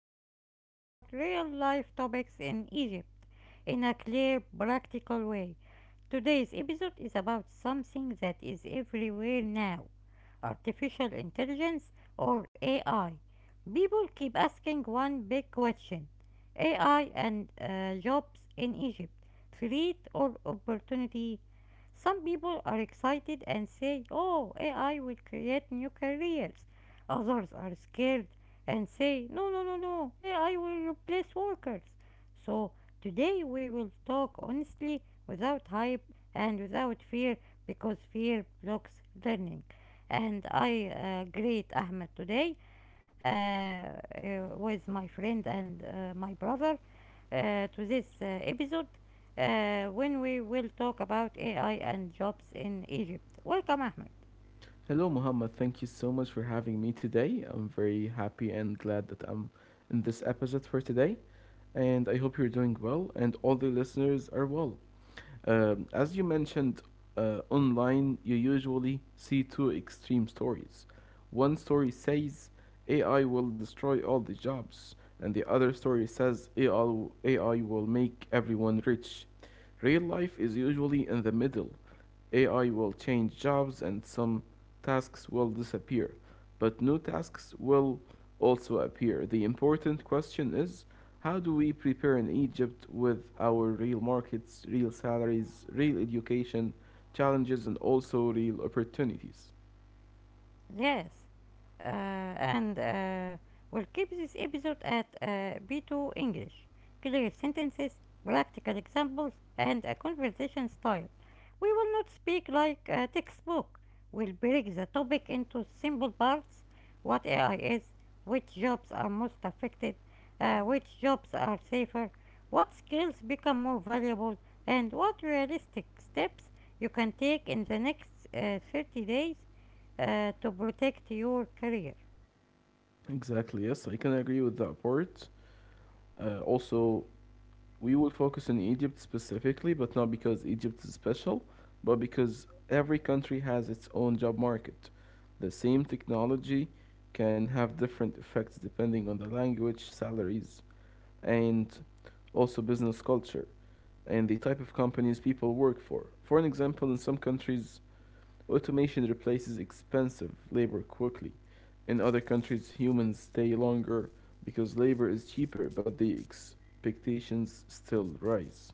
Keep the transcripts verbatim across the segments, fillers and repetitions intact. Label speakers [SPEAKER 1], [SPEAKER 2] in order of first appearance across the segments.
[SPEAKER 1] where we talk about real life topics in Egypt in a clear, practical way. Today's episode is about something that is everywhere now: artificial intelligence, or A I. People keep asking one big question: A I and uh, jobs in Egypt, threat or opportunity? Some people are excited and say, oh, A I will create new careers. Others are scared and say, no, no, no, no, A I will replace workers. So today we will talk honestly, without hype and without fear, because fear blocks learning. And I uh, greet Ahmed today, uh, uh, with my friend and uh, my brother, uh, to this uh, episode uh, when we will talk about A I and jobs in Egypt. Welcome, Ahmed.
[SPEAKER 2] Hello, Muhammad. Thank you so much for having me today. I'm very happy and glad that I'm in this episode for today. And I hope you're doing well and all the listeners are well. Um, as you mentioned, uh, online, you usually see two extreme stories. One story says A I will destroy all the jobs, and the other story says A I, A I will make everyone rich. Real life is usually in the middle. A I will change jobs and some tasks will disappear, but new tasks will also appear. The important question is, how do we prepare in Egypt with our real markets, real salaries, real education challenges, and also real opportunities?
[SPEAKER 1] Yes. Uh, and uh, we'll keep this episode at uh, B two English. Clear sentences, practical examples, and a conversation style. We will not speak like a textbook. We'll break the topic into simple parts: what A I is, which jobs are most affected, uh, which jobs are safer, what skills become more valuable, and what realistic steps you can take in the next uh, thirty days uh, to protect your career.
[SPEAKER 2] Exactly, yes, I can agree with that part. Uh, also, we will focus on Egypt specifically, but not because Egypt is special, but because every country has its own job market. The same technology can have different effects depending on the language, salaries, and also business culture and the type of companies people work for. For an example, in some countries, automation replaces expensive labor quickly. In other countries, humans stay longer because labor is cheaper, but the expectations still rise.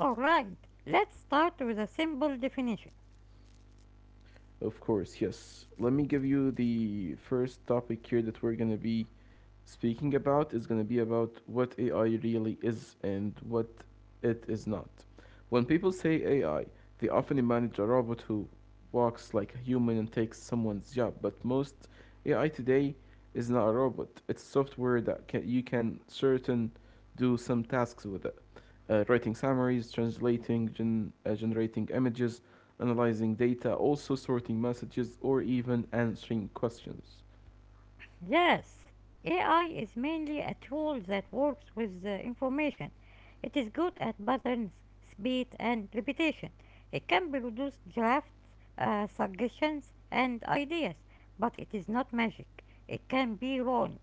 [SPEAKER 1] Alright, let's start with a simple definition.
[SPEAKER 2] Of course, yes. Let me give you the first topic here that we're going to be speaking about is going to be about what A I really is and what it is not. When people say A I, they often imagine a robot who walks like a human and takes someone's job, but most A I today is not a robot. It's software that can, you can certain do some tasks with it. Uh, writing summaries, translating, gen, uh, generating images, analyzing data, also sorting messages, or even answering questions.
[SPEAKER 1] Yes, A I is mainly a tool that works with the information. It is good at patterns, speed, and repetition. It can produce drafts, uh, suggestions, and ideas, but it is not magic. It can be wrong.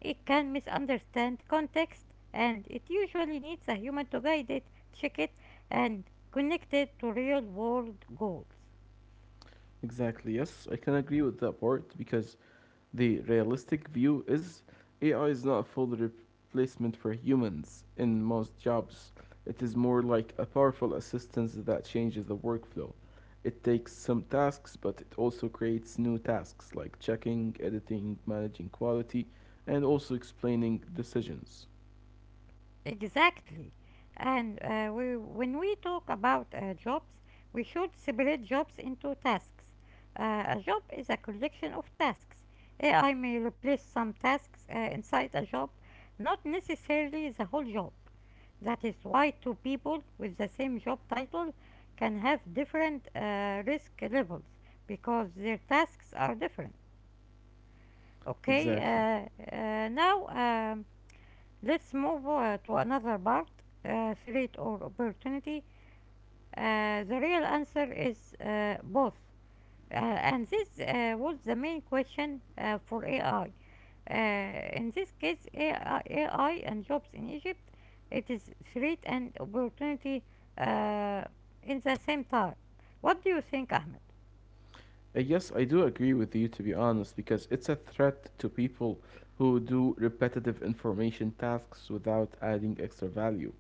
[SPEAKER 1] It can misunderstand context, and it usually needs a human to guide it, check it, and connect it to real world goals.
[SPEAKER 2] Exactly. Yes, I can agree with that part because the realistic view is A I is not a full replacement for humans in most jobs. It is more like a powerful assistance that changes the workflow. It takes some tasks, but it also creates new tasks like checking, editing, managing quality, and also explaining decisions.
[SPEAKER 1] Exactly. And uh, we, when we talk about uh, jobs, we should separate jobs into tasks. Uh, a job is a collection of tasks. A I may replace some tasks uh, inside a job, not necessarily the whole job. That is why two people with the same job title can have different uh, risk levels because their tasks are different. Okay,
[SPEAKER 2] Exactly.
[SPEAKER 1] uh, uh, now. Um, Let's move uh, to another part: uh, threat or opportunity. Uh, the real answer is uh, both. Uh, and this uh, was the main question uh, for A I. Uh, in this case, A I, A I and jobs in Egypt, it is threat and opportunity uh, in the same time. What do you think, Ahmed?
[SPEAKER 2] Uh, yes, I do agree with you, to be honest, because it's a threat to people who do repetitive information tasks without adding extra value.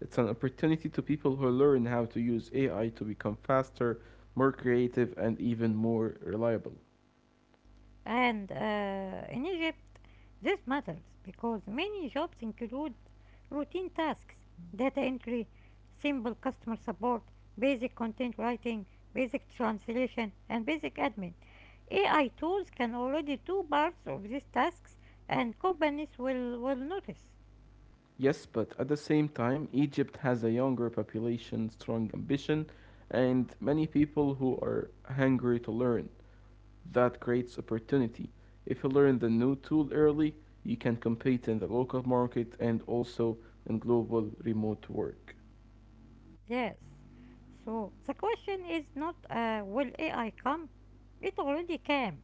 [SPEAKER 2] It's an opportunity to people who learn how to use A I to become faster, more creative, and even more reliable.
[SPEAKER 1] And uh, in Egypt, this matters because many jobs include routine tasks: data entry, simple customer support, basic content writing, basic translation, and basic admin. A I tools can already do parts of these tasks, and companies will, will notice.
[SPEAKER 2] Yes, but at the same time, Egypt has a younger population, strong ambition, and many people who are hungry to learn. That creates opportunity. If you learn the new tool early, you can compete in the local market and also in global remote work.
[SPEAKER 1] Yes. So the question is not, uh, will A I come? It already came.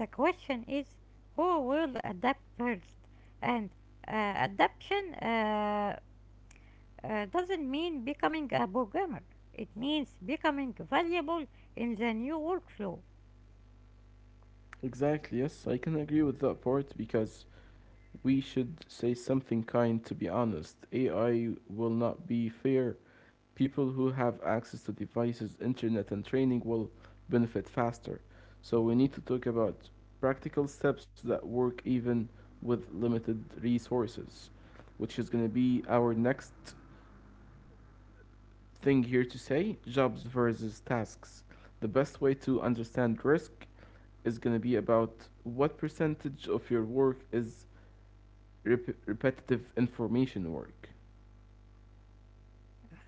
[SPEAKER 1] The question is, who will adapt first? And uh, adaptation uh, uh, doesn't mean becoming a programmer, it means becoming valuable in the new workflow.
[SPEAKER 2] Exactly, yes, I can agree with that part because we should say something kind, to be honest. A I will not be fair. People who have access to devices, internet, and training will benefit faster. So we need to talk about practical steps that work even with limited resources, which is going to be our next thing here to say jobs versus tasks. The best way to understand risk is going to be about what percentage of your work is rep- repetitive information work.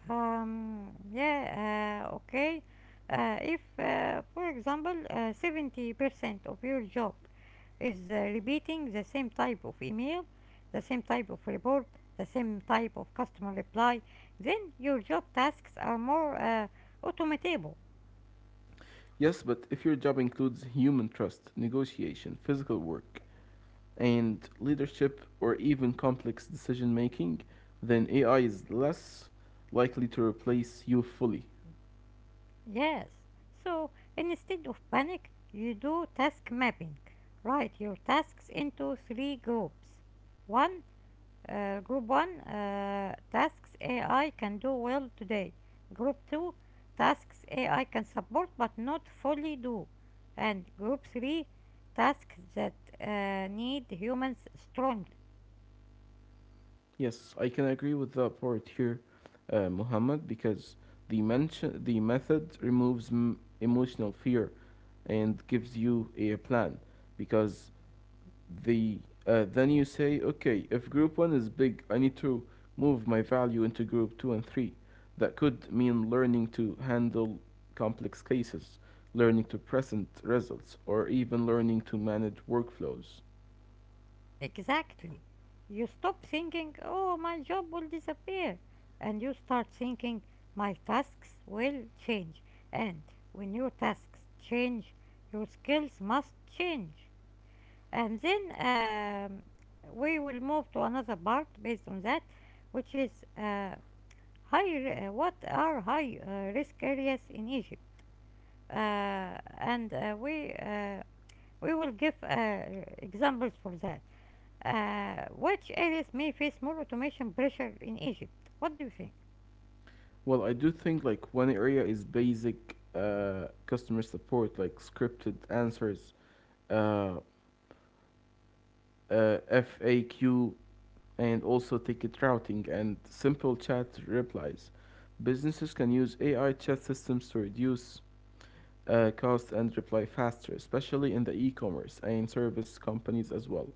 [SPEAKER 1] Um, yeah, uh, okay. Uh, if, uh, for example, uh, seventy percent of your job is uh, repeating the same type of email, the same type of report, the same type of customer reply, then your job tasks are more uh, automatable.
[SPEAKER 2] Yes, but if your job includes human trust, negotiation, physical work, and leadership or even complex decision making, then A I is less likely to replace you fully.
[SPEAKER 1] Yes. So instead of panic, you do task mapping. Write your tasks into three groups. One, Uh, group one, uh, tasks A I can do well today. Group two, tasks A I can support but not fully do. And group three, tasks that uh, need humans strongly.
[SPEAKER 2] Yes, I can agree with that part here, uh, Muhammad, because the mention the method removes m- emotional fear and gives you a plan because the uh, then you say, okay, if group one is big, I need to move my value into group two and three. That could mean learning to handle complex cases, learning to present results, or even learning to manage workflows.
[SPEAKER 1] Exactly. You stop thinking, oh, my job will disappear. And you start thinking, my tasks will change. And when your tasks change, your skills must change. And then um, we will move to another part based on that, which is uh, high. Uh, what are high uh, risk areas in Egypt? Uh, and uh, we uh, we will give uh, examples for that. Uh, which areas may face more automation pressure in Egypt? What do you think?
[SPEAKER 2] Well, I do think, like, one area is basic uh, customer support, like scripted answers, uh, uh, F A Q, and also ticket routing and simple chat replies. Businesses can use A I chat systems to reduce uh, costs and reply faster, especially in the e commerce and service companies as well.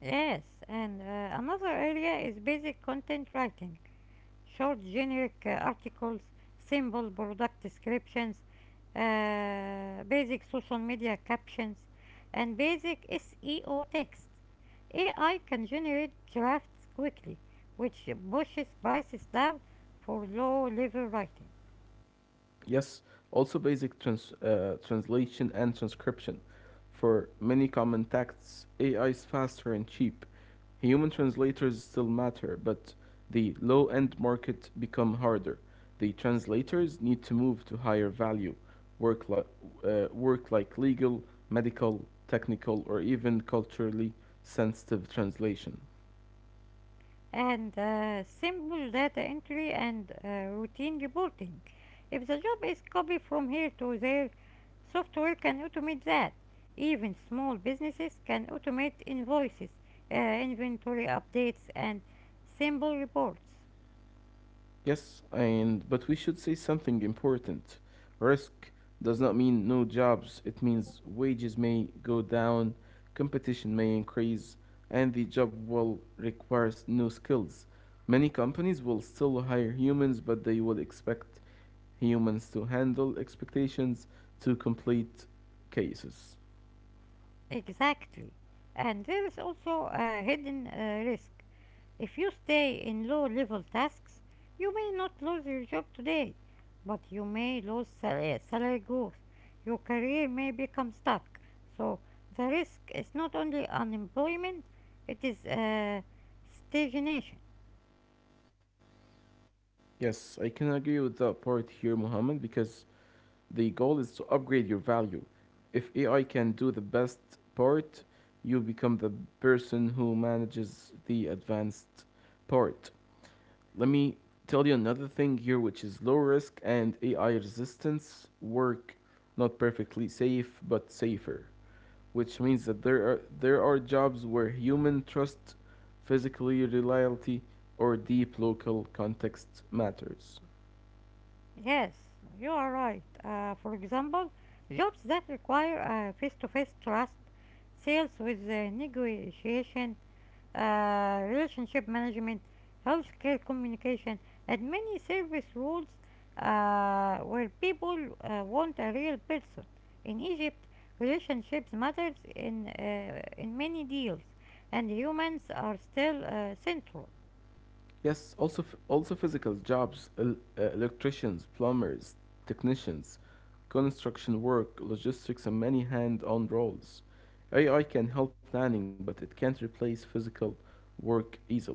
[SPEAKER 1] Yes, and uh, another area is basic content writing: short generic uh, articles, simple product descriptions, uh, basic social media captions, and basic S E O text. A I can generate drafts quickly, which pushes prices down for low level writing.
[SPEAKER 2] Yes, also basic trans- uh, translation and transcription. For many common texts, A I is faster and cheap. Human translators still matter, but the low end market become harder. The translators need to move to higher value work, li- uh, work like legal, medical, technical, or even culturally sensitive translation.
[SPEAKER 1] And uh, simple data entry and uh, routine reporting. If the job is copied from here to there, software can automate that. Even small businesses can automate invoices, uh, inventory updates, and simple reports.
[SPEAKER 2] Yes, and but we should say something important. Risk does not mean no jobs. It means wages may go down, competition may increase, and the job will require new skills. Many companies will still hire humans, but they will expect humans to handle expectations to complete cases.
[SPEAKER 1] Exactly. And there is also a hidden uh, risk. If you stay in low level tasks, you may not lose your job today, but you may lose salary, salary growth. Your career may become stuck. So the risk is not only unemployment, it is uh, stagnation.
[SPEAKER 2] Yes, I can agree with that part here, Mohammed, because the goal is to upgrade your value. If A I can do the best part, you become the person who manages the advanced part. Let me tell you another thing here, which is low risk and A I resistance work, not perfectly safe but safer, which means that there are, there are jobs where human trust, physical reliability, or deep local context matters.
[SPEAKER 1] Yes, you are right. Uh, for example, jobs that require uh, face-to-face trust, sales with uh, negotiation, uh, relationship management, healthcare communication, and many service roles uh, where people uh, want a real person. In Egypt, relationships matters in uh, in many deals, and humans are still uh, central.
[SPEAKER 2] Yes, also f- also physical jobs, el- uh, electricians, plumbers, technicians, construction work, logistics, and many hand-on roles. A I can help planning, but it can't replace physical work easily.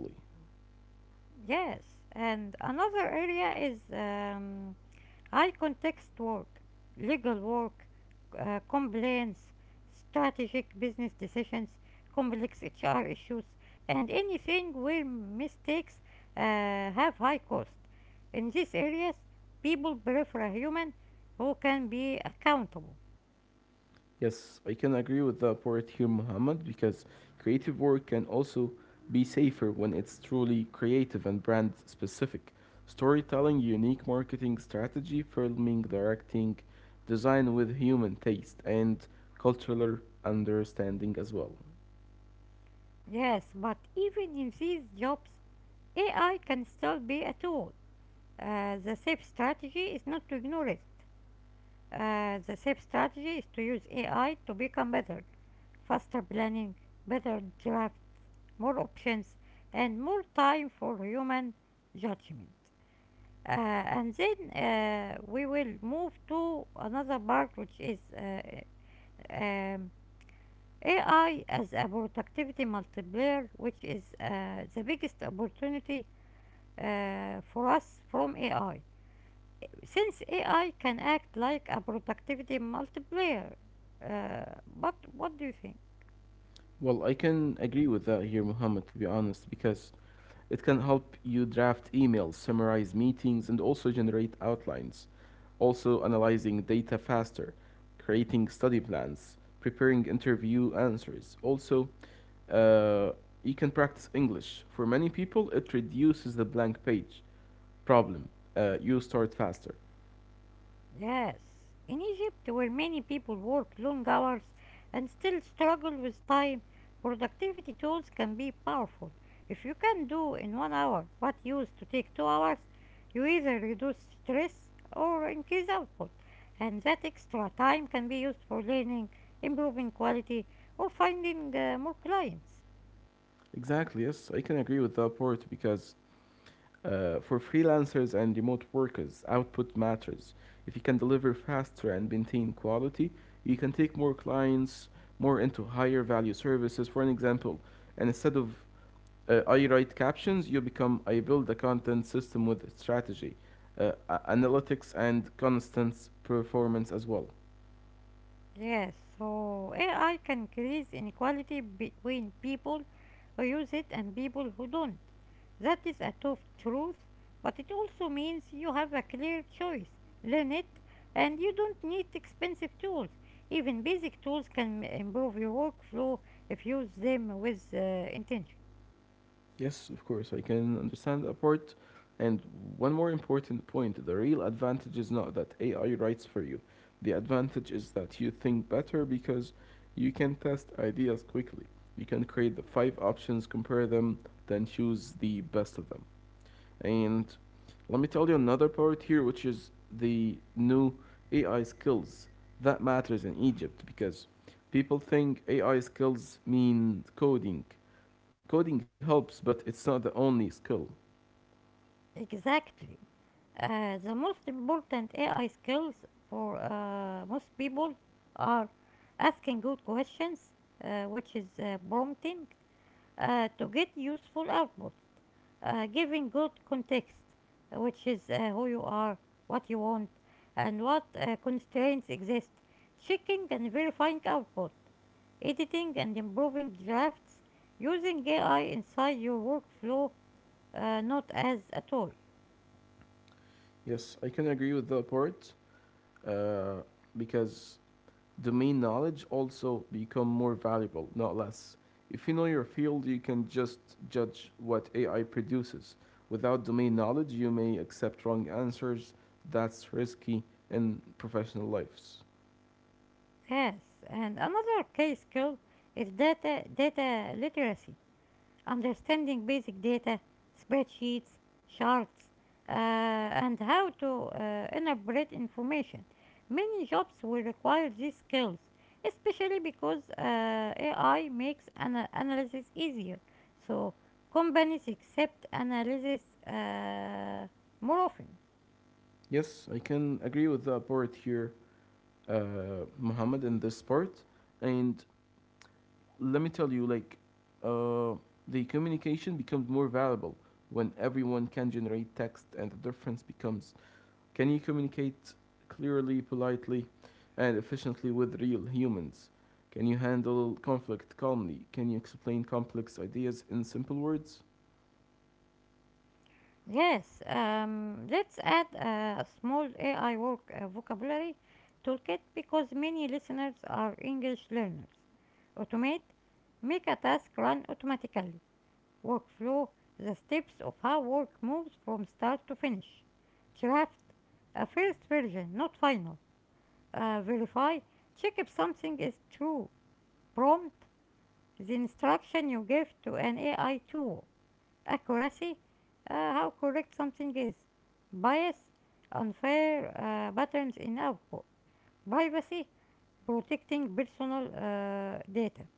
[SPEAKER 1] Yes, and another area is. Um, High context work, legal work, uh, complaints, strategic business decisions, complex H R issues, and anything where mistakes uh, have high cost. In these areas, people prefer a human who can be accountable.
[SPEAKER 2] Yes, I can agree with the poet here, Muhammad, because creative work can also be safer when it's truly creative and brand specific. Storytelling, unique marketing strategy, filming, directing, design with human taste, and cultural understanding as well.
[SPEAKER 1] Yes, but even in these jobs, A I can still be a tool. Uh, the safe strategy is not to ignore it. Uh, the safe strategy is to use A I to become better: faster planning, better draft, more options, and more time for human judgment. Uh, and then uh, we will move to another part, which is uh, um, A I as a productivity multiplier, which is uh, the biggest opportunity uh, for us from A I. Since A I can act like a productivity multiplier, uh, but what do you think?
[SPEAKER 2] Well, I can agree with that here, Muhammad, to be honest, because it can help you draft emails, summarize meetings, and also generate outlines. Also, analyzing data faster, creating study plans, preparing interview answers. Also, uh, you can practice English. For many people, it reduces the blank page problem. Uh, you start faster.
[SPEAKER 1] Yes, in Egypt, where many people work long hours and still struggle with time, productivity tools can be powerful. If you can do in one hour what used to take two hours, you either reduce stress or increase output, and that extra time can be used for learning, improving quality, or finding uh, more clients.
[SPEAKER 2] Exactly, yes, I can agree with that part because Uh, for freelancers and remote workers, output matters. If you can deliver faster and maintain quality, you can take more clients, more into higher value services. For an example, and instead of uh, I write captions, you become I build a content system with strategy, uh, analytics, and constant performance as well.
[SPEAKER 1] Yes, so A I can increase inequality between people who use it and people who don't. That is a tough truth, but it also means you have a clear choice. Learn it, and you don't need expensive tools. Even basic tools can m- improve your workflow if you use them with uh, intention.
[SPEAKER 2] Yes, of course, I can understand that part. And one more important point, the real advantage is not that A I writes for you. The advantage is that you think better because you can test ideas quickly. You can create the five options, compare them, then choose the best of them. And let me tell you another part here, which is the new A I skills that matters in Egypt because people think A I skills mean coding. Coding helps, but it's not the only skill.
[SPEAKER 1] Exactly. Uh, the most important A I skills for uh, most people are asking good questions, uh, which is uh, prompting uh, to get useful output, uh, giving good context, uh, which is uh, who you are, what you want, and what uh, constraints exist, checking and verifying output, editing and improving drafts, using A I inside your workflow, uh, not as a toy.
[SPEAKER 2] Yes, I can agree with the part uh, because domain knowledge also become more valuable, not less. If you know your field, you can just judge what A I produces. Without domain knowledge, you may accept wrong answers. That's risky in professional lives.
[SPEAKER 1] Yes, and another key skill is data data literacy, understanding basic data, spreadsheets, charts, uh, and how to uh, interpret information. Many jobs will require these skills, especially because uh, A I makes ana- analysis easier. So companies accept analysis uh, more often.
[SPEAKER 2] Yes, I can agree with the part here, uh, Muhammad, in this part. And let me tell you, like, uh, the communication becomes more valuable when everyone can generate text, and the difference becomes, can you communicate clearly, politely, and efficiently with real humans? Can you handle conflict calmly? Can you explain complex ideas in simple words?
[SPEAKER 1] Yes, um, let's add a small A I work uh, vocabulary toolkit because many listeners are English learners. Automate: make a task run automatically. Workflow: the steps of how work moves from start to finish. Draft: a first version, not final. Uh, verify, check if something is true. Prompt: the instruction you give to an A I tool. Accuracy: uh, how correct something is. Bias: unfair uh, patterns in output. Privacy: protecting personal uh, data.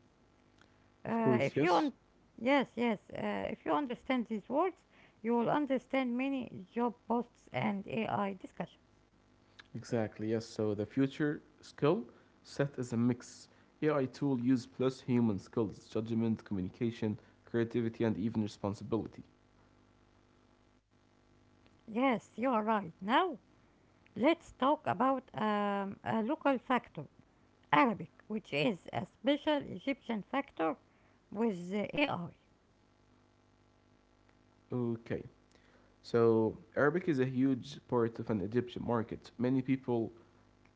[SPEAKER 2] Of
[SPEAKER 1] Uh,
[SPEAKER 2] course,
[SPEAKER 1] if you un-
[SPEAKER 2] yes.
[SPEAKER 1] yes yes uh, if you understand these words, you will understand many job posts and A I discussions.
[SPEAKER 2] Exactly, yes. So the future skill set is a mix. A I tool use plus human skills, judgment, communication, creativity, and even responsibility.
[SPEAKER 1] Yes, you are right. Now let's talk about um, a local factor, Arabic, which is a special Egyptian factor with the A I.
[SPEAKER 2] Okay. So Arabic is a huge part of an Egyptian market. Many people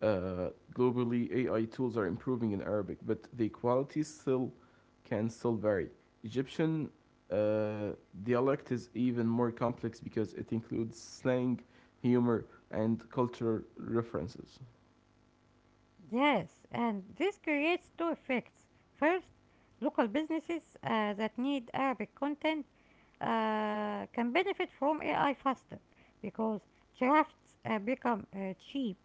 [SPEAKER 2] uh, globally A I tools are improving in Arabic, but the quality still can still vary. Egyptian uh, dialect is even more complex because it includes slang, humor, and cultural references.
[SPEAKER 1] Yes, and this creates two effects. First, local businesses uh, that need Arabic content uh, can benefit from A I faster because drafts uh, become uh, cheap.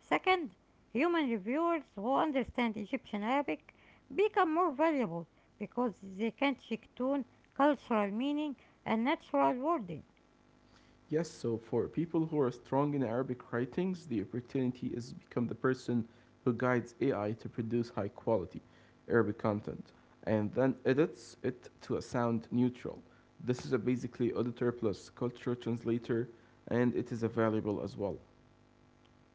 [SPEAKER 1] Second, human reviewers who understand Egyptian Arabic become more valuable because they can check tune cultural meaning and natural wording.
[SPEAKER 2] Yes, so for people who are strong in Arabic writings, the opportunity is to become the person who guides A I to produce high quality Arabic content and then edits it to a sound neutral. This is a basically auditor plus culture translator and it is available as well.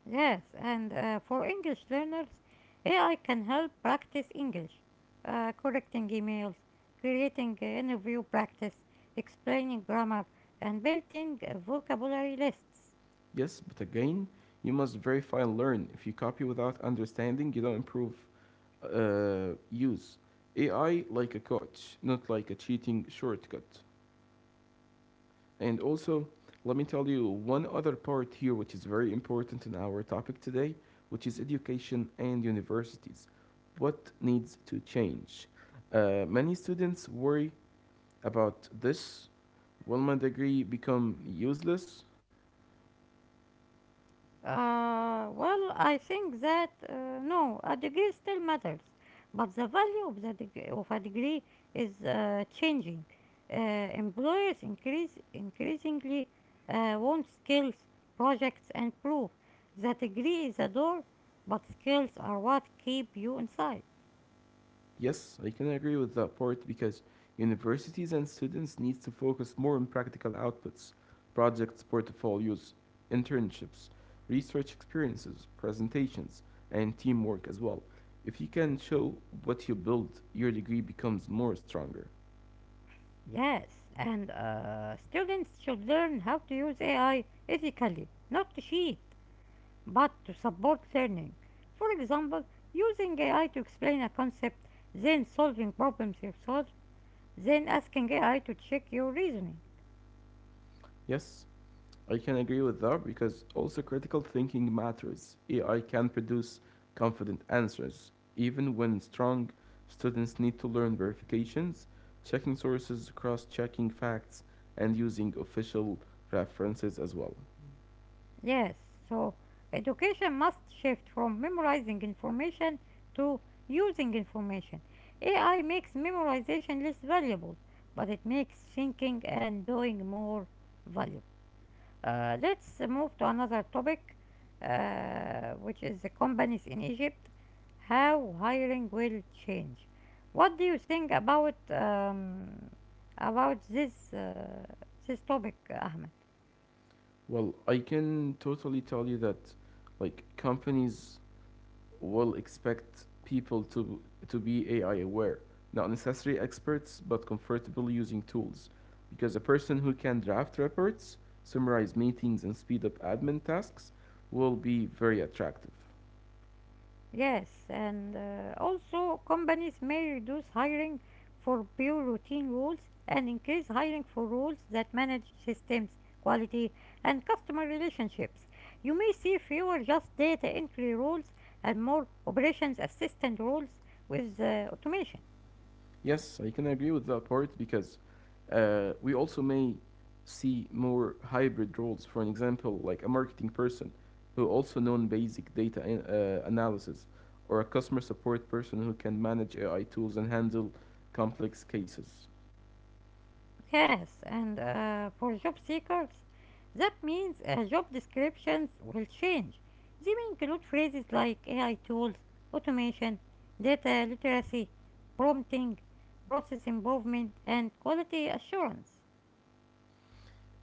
[SPEAKER 1] Yes, and uh, for English learners, A I can help practice English: uh, correcting emails, creating uh, interview practice, explaining grammar, and building uh, vocabulary lists.
[SPEAKER 2] Yes, but again, you must verify and learn. If you copy without understanding, you don't improve uh, use. A I like a coach, not like a cheating shortcut. And also, let me tell you one other part here, which is very important in our topic today, which is education and universities. What needs to change? Uh, many students worry about this. Will my degree become useless?
[SPEAKER 1] Uh, well, I think that uh, no, a degree still matters, but the value of the degree, of a degree is uh, changing. Uh, employers increase increasingly uh, want skills, projects, and proof. The degree is a door, but skills are what keep you inside.
[SPEAKER 2] Yes, I can agree with that part because universities and students need to focus more on practical outputs, projects, portfolios, internships, research experiences, presentations, and teamwork as well. If you can show what you build, your degree becomes more stronger.
[SPEAKER 1] Yes, and uh, students should learn how to use A I ethically, not to cheat, but to support learning. For example, using A I to explain a concept, then solving problems yourself, then asking A I to check your reasoning.
[SPEAKER 2] Yes? I can agree with that because also critical thinking matters. A I can produce confident answers, even when strong students need to learn verifications, checking sources, cross checking facts, and using official references as well.
[SPEAKER 1] Yes, so education must shift from memorizing information to using information. A I makes memorization less valuable, but it makes thinking and doing more valuable. Uh, let's move to another topic, uh, which is the companies in Egypt, how hiring will change. What do you think about um, about this uh, this topic, Ahmed?
[SPEAKER 2] Well, I can totally tell you that, like, companies will expect people to, to be A I aware, not necessarily experts, but comfortable using tools. Because a person who can draft reports, summarize meetings, and speed up admin tasks will be very attractive.
[SPEAKER 1] Yes, and uh, also companies may reduce hiring for pure routine roles and increase hiring for roles that manage systems, quality, and customer relationships. You may see fewer just data entry roles and more operations assistant roles with uh, automation.
[SPEAKER 2] Yes, I can agree with that part because uh, we also may see more hybrid roles. For an example, like a marketing person who also known basic data an- uh, analysis, or a customer support person who can manage A I tools and handle complex cases.
[SPEAKER 1] Yes, and uh, for job seekers, that means uh, job descriptions will change. They may include phrases like A I tools, automation, data literacy, prompting, process improvement, and quality assurance.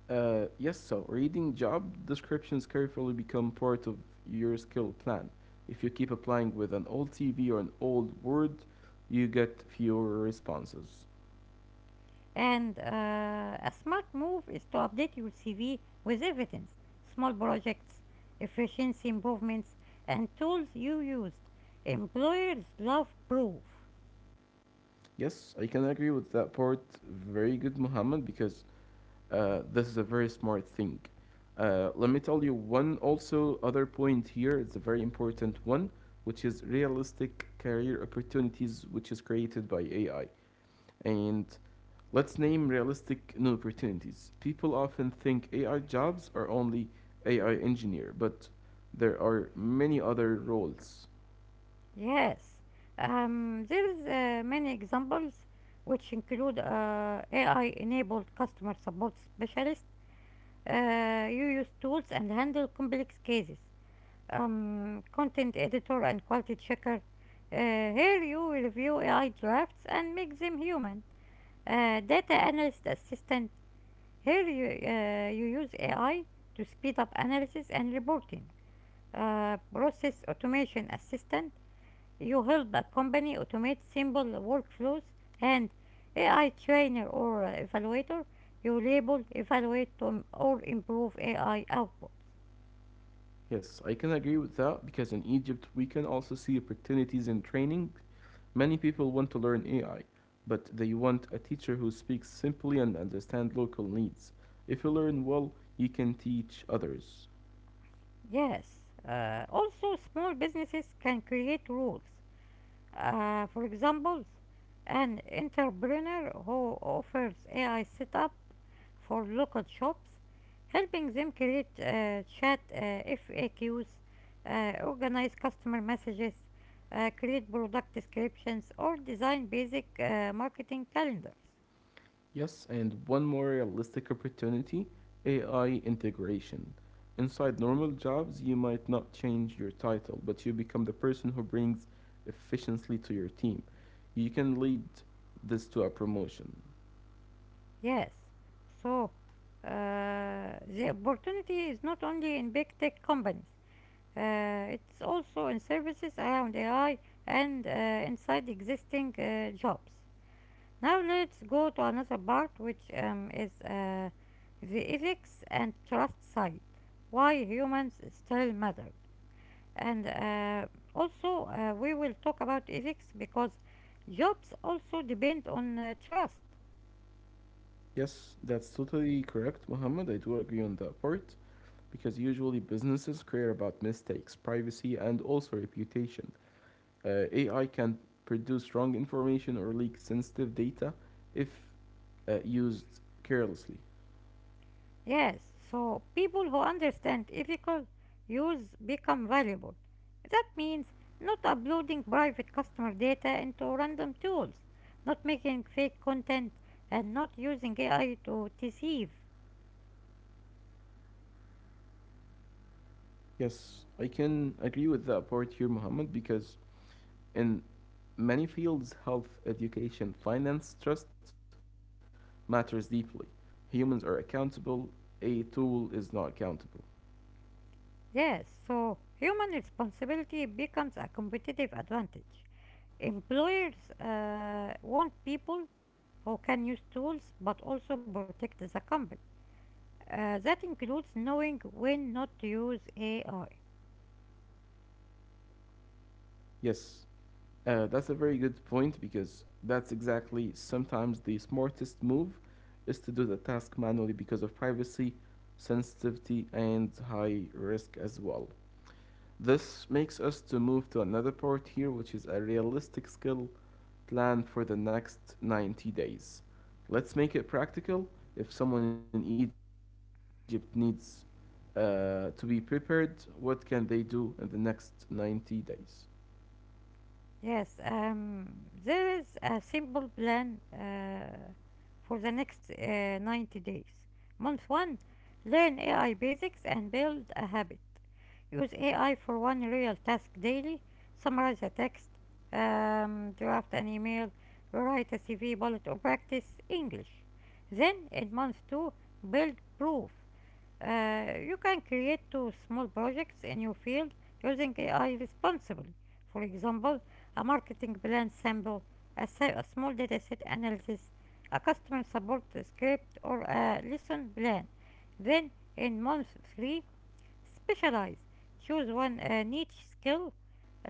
[SPEAKER 2] Uh, yes, so reading job descriptions carefully become part of your skill plan. If you keep applying with an old C V or an old word, you get fewer responses.
[SPEAKER 1] And uh, a smart move is to update your C V with evidence, small projects, efficiency improvements, and tools you used. Employers love proof.
[SPEAKER 2] Yes, I can agree with that part. Very good, Muhammad, because uh, this is a very smart thing. Uh, let me tell you one also other point here. It's a very important one, which is realistic career opportunities, which is created by A I. And let's name realistic new opportunities. People often think A I jobs are only A I engineer, but there are many other roles.
[SPEAKER 1] Yes, um, there's uh, many examples which include uh, A I-enabled customer support specialists. Uh, you use tools and handle complex cases. Um, content editor and quality checker. Uh, here you review A I drafts and make them human. Uh, data analyst assistant. Here you, uh, you use A I to speed up analysis and reporting. Uh, process automation assistant. You help a company automate simple workflows and A I trainer or uh, evaluator, you label, evaluate, to, or improve A I outputs.
[SPEAKER 2] Yes, I can agree with that because in Egypt we can also see opportunities in training. Many people want to learn A I, but they want a teacher who speaks simply and understands local needs. If you learn well, you can teach others.
[SPEAKER 1] Yes, uh, also small businesses can create rules. Uh, for example, an entrepreneur who offers A I setup for local shops, helping them create uh, chat uh, F A Qs, uh, organize customer messages, uh, create product descriptions, or design basic uh, marketing calendars.
[SPEAKER 2] Yes, and one more realistic opportunity, A I integration. Inside normal jobs, you might not change your title, but you become the person who brings efficiency to your team. You can lead this to a promotion.
[SPEAKER 1] Yes, so uh, the opportunity is not only in big tech companies. Uh, it's also in services around A I and uh, inside existing uh, jobs. Now let's go to another part, which um, is uh, the ethics and trust side, why humans still matter. And uh, also, uh, we will talk about ethics because jobs also depend on uh, trust.
[SPEAKER 2] Yes, that's totally correct, Muhammad. I do agree on that part, because usually businesses care about mistakes, privacy, and also reputation. Uh, A I can produce wrong information or leak sensitive data if uh, used carelessly.
[SPEAKER 1] Yes, so people who understand ethical use become valuable. That means not uploading private customer data into random tools, not making fake content, and not using A I to deceive.
[SPEAKER 2] Yes, I can agree with that part here, Mohammed, because in many fields, health, education, finance, trust matters deeply. Humans are accountable, a tool is not accountable.
[SPEAKER 1] Yes, so human responsibility becomes a competitive advantage. Employers uh, want people who can use tools but also protect the company. Uh, that includes knowing when not to use A I.
[SPEAKER 2] Yes, Uh, that's a very good point because that's exactly sometimes the smartest move is to do the task manually because of privacy, sensitivity, and high risk as well. This makes us to move to another part here, which is a realistic skill plan for the next ninety days. Let's make it practical. If someone in Egypt needs uh, to be prepared, what can they do in the next ninety days?
[SPEAKER 1] Yes, um, there is a simple plan uh, for the next uh, ninety days. Month one: learn A I basics and build a habit. Use A I for one real task daily. Summarize a text, um, draft an email, write a C V bullet, or practice English. Then in month two, build proof. Uh, you can create two small projects in your field using A I responsibly. For example, a marketing plan sample, a, sa- a small dataset analysis, a customer support script, or a lesson plan. Then, in month three, specialize. Choose one uh, niche skill,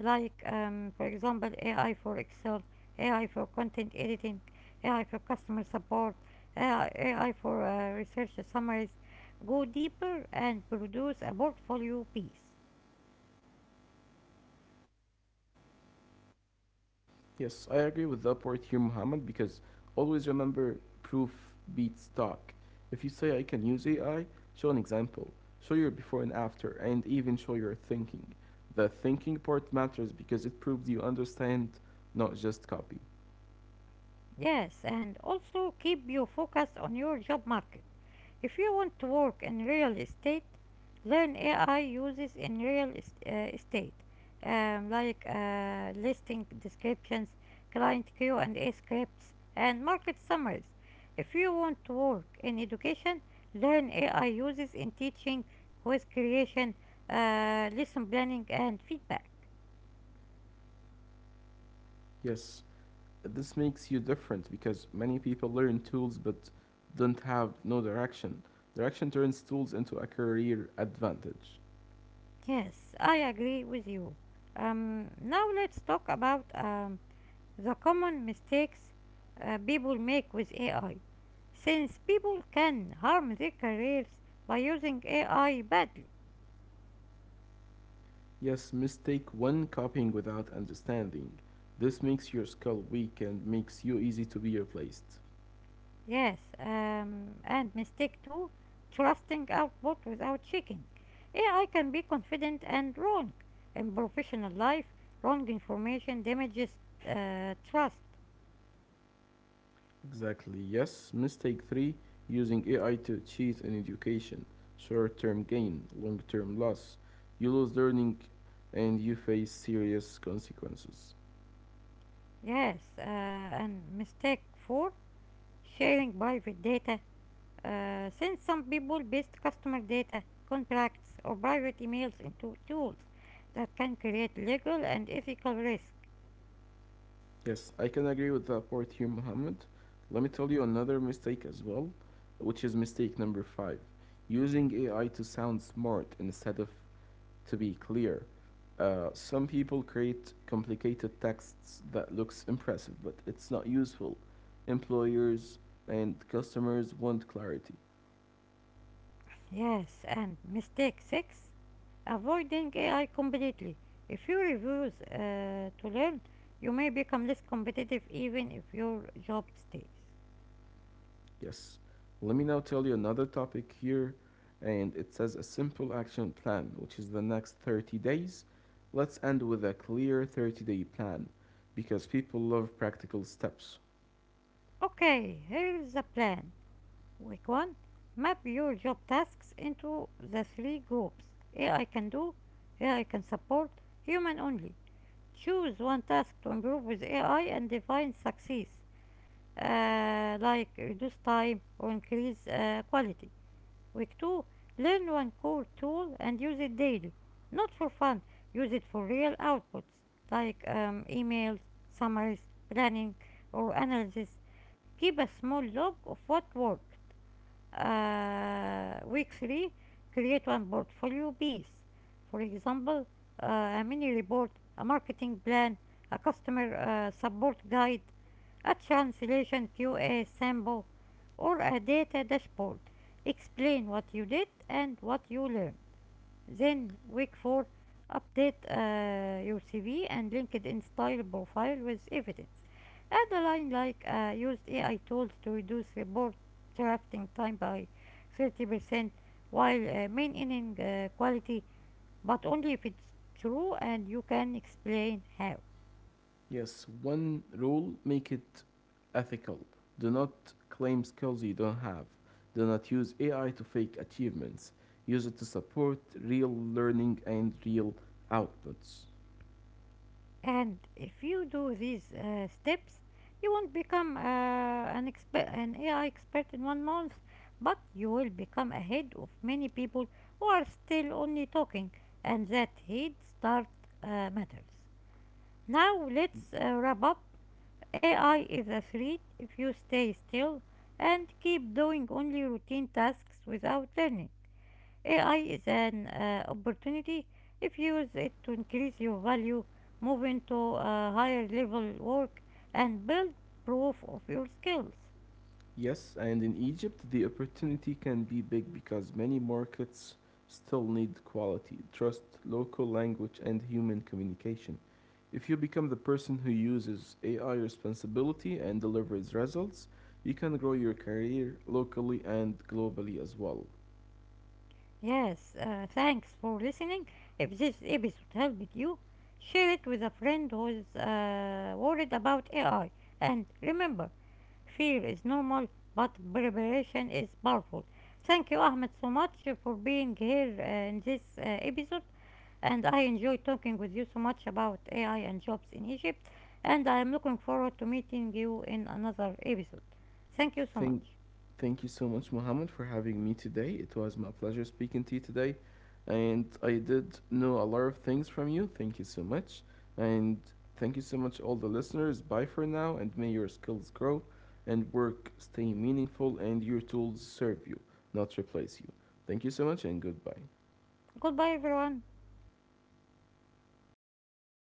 [SPEAKER 1] like um, for example A I for Excel, A I for content editing, A I for customer support, A I, for uh, research summaries. Go deeper and produce a portfolio piece.
[SPEAKER 2] Yes, I agree with the upward here, Muhammad, because always remember proof beats talk. If you say I can use A I, show an example, show your before and after, and even show your thinking. The thinking part matters because it proves you understand, not just copy.
[SPEAKER 1] Yes, and also keep your focus on your job market. If you want to work in real estate, learn A I uses in real est- uh, estate, um, like uh, listing descriptions, client Q and A scripts, and market summaries. If you want to work in education, learn A I uses in teaching, quiz creation, uh, lesson planning, and feedback.
[SPEAKER 2] Yes, this makes you different because many people learn tools but don't have no direction. Direction turns tools into a career advantage.
[SPEAKER 1] Yes, I agree with you. Um, now let's talk about um, the common mistakes uh, people make with A I, since people can harm their careers by using A I badly.
[SPEAKER 2] Yes, mistake one, copying without understanding. This makes your skull weak and makes you easy to be replaced.
[SPEAKER 1] Yes, um, and mistake two, trusting output without checking. A I can be confident and wrong. In professional life, wrong information damages uh, trust.
[SPEAKER 2] Exactly, yes. Mistake three, using A I to cheat in education. Short term gain, long term loss. You lose learning and you face serious consequences.
[SPEAKER 1] Yes, uh, and mistake four, sharing private data. Uh, since some people paste customer data, contracts, or private emails into tools, that can create legal and ethical risk.
[SPEAKER 2] Yes, I can agree with that part here, Muhammad. Let me tell you another mistake as well, which is mistake number five, using A I to sound smart instead of to be clear. Uh, some people create complicated texts that looks impressive, but it's not useful. Employers and customers want clarity.
[SPEAKER 1] Yes, and mistake six, avoiding A I completely. If you refuse uh, to learn, you may become less competitive even if your job stays.
[SPEAKER 2] Yes. Let me now tell you another topic here, and it says a simple action plan, which is the next thirty days. Let's end with a clear thirty day plan because people love practical steps.
[SPEAKER 1] Okay, here's the plan. Week one: map your job tasks into the three groups: A I can do, A I can support, human only. Choose one task to improve with A I and define success, uh, like reduce time or increase uh, quality. Week two: learn one core tool and use it daily. Not for fun, use it for real outputs like um, emails, summaries, planning, or analysis. Keep a small log of what worked. Uh, week three: create one portfolio piece, for example, uh, a mini report, a marketing plan, a customer uh, support guide, a translation Q A sample, or a data dashboard. Explain what you did and what you learned. Then week four, update uh, your C V and LinkedIn style profile with evidence. Add a line like uh, used A I tools to reduce report drafting time by thirty percent while uh, maintaining uh, quality, but only if it's true and you can explain how.
[SPEAKER 2] Yes, one rule, make it ethical. Do not claim skills you don't have. Do not use A I to fake achievements. Use it to support real learning and real outputs.
[SPEAKER 1] And if you do these uh, steps, you won't become uh, an expert, an A I expert in one month, but you will become ahead of many people who are still only talking, and that head start uh, matters. Now let's uh, wrap up. A I is a threat if you stay still and keep doing only routine tasks without learning. A I is an uh, opportunity if you use it to increase your value, move into a higher level work, and build proof of your skills.
[SPEAKER 2] Yes, and in Egypt, the opportunity can be big because many markets still need quality, trust, local language, and human communication. If you become the person who uses A I responsibility and delivers results, you can grow your career locally and globally as well.
[SPEAKER 1] Yes, uh, thanks for listening. If this episode helped you, share it with a friend who is uh, worried about A I. And remember, fear is normal, but preparation is powerful. Thank you, Ahmed, so much for being here uh, in this uh, episode, and I enjoy talking with you so much about A I and jobs in Egypt, and I am looking forward to meeting you in another episode. Thank you so
[SPEAKER 2] Thank,
[SPEAKER 1] much.
[SPEAKER 2] thank you so much, Mohammed, for having me today. It was my pleasure speaking to you today, and I did know a lot of things from you. Thank you so much, and thank you so much, all the listeners. Bye for now, and may your skills grow, and work stay meaningful, and your tools serve you, not replace you. Thank you so much, and goodbye.
[SPEAKER 1] Goodbye, everyone.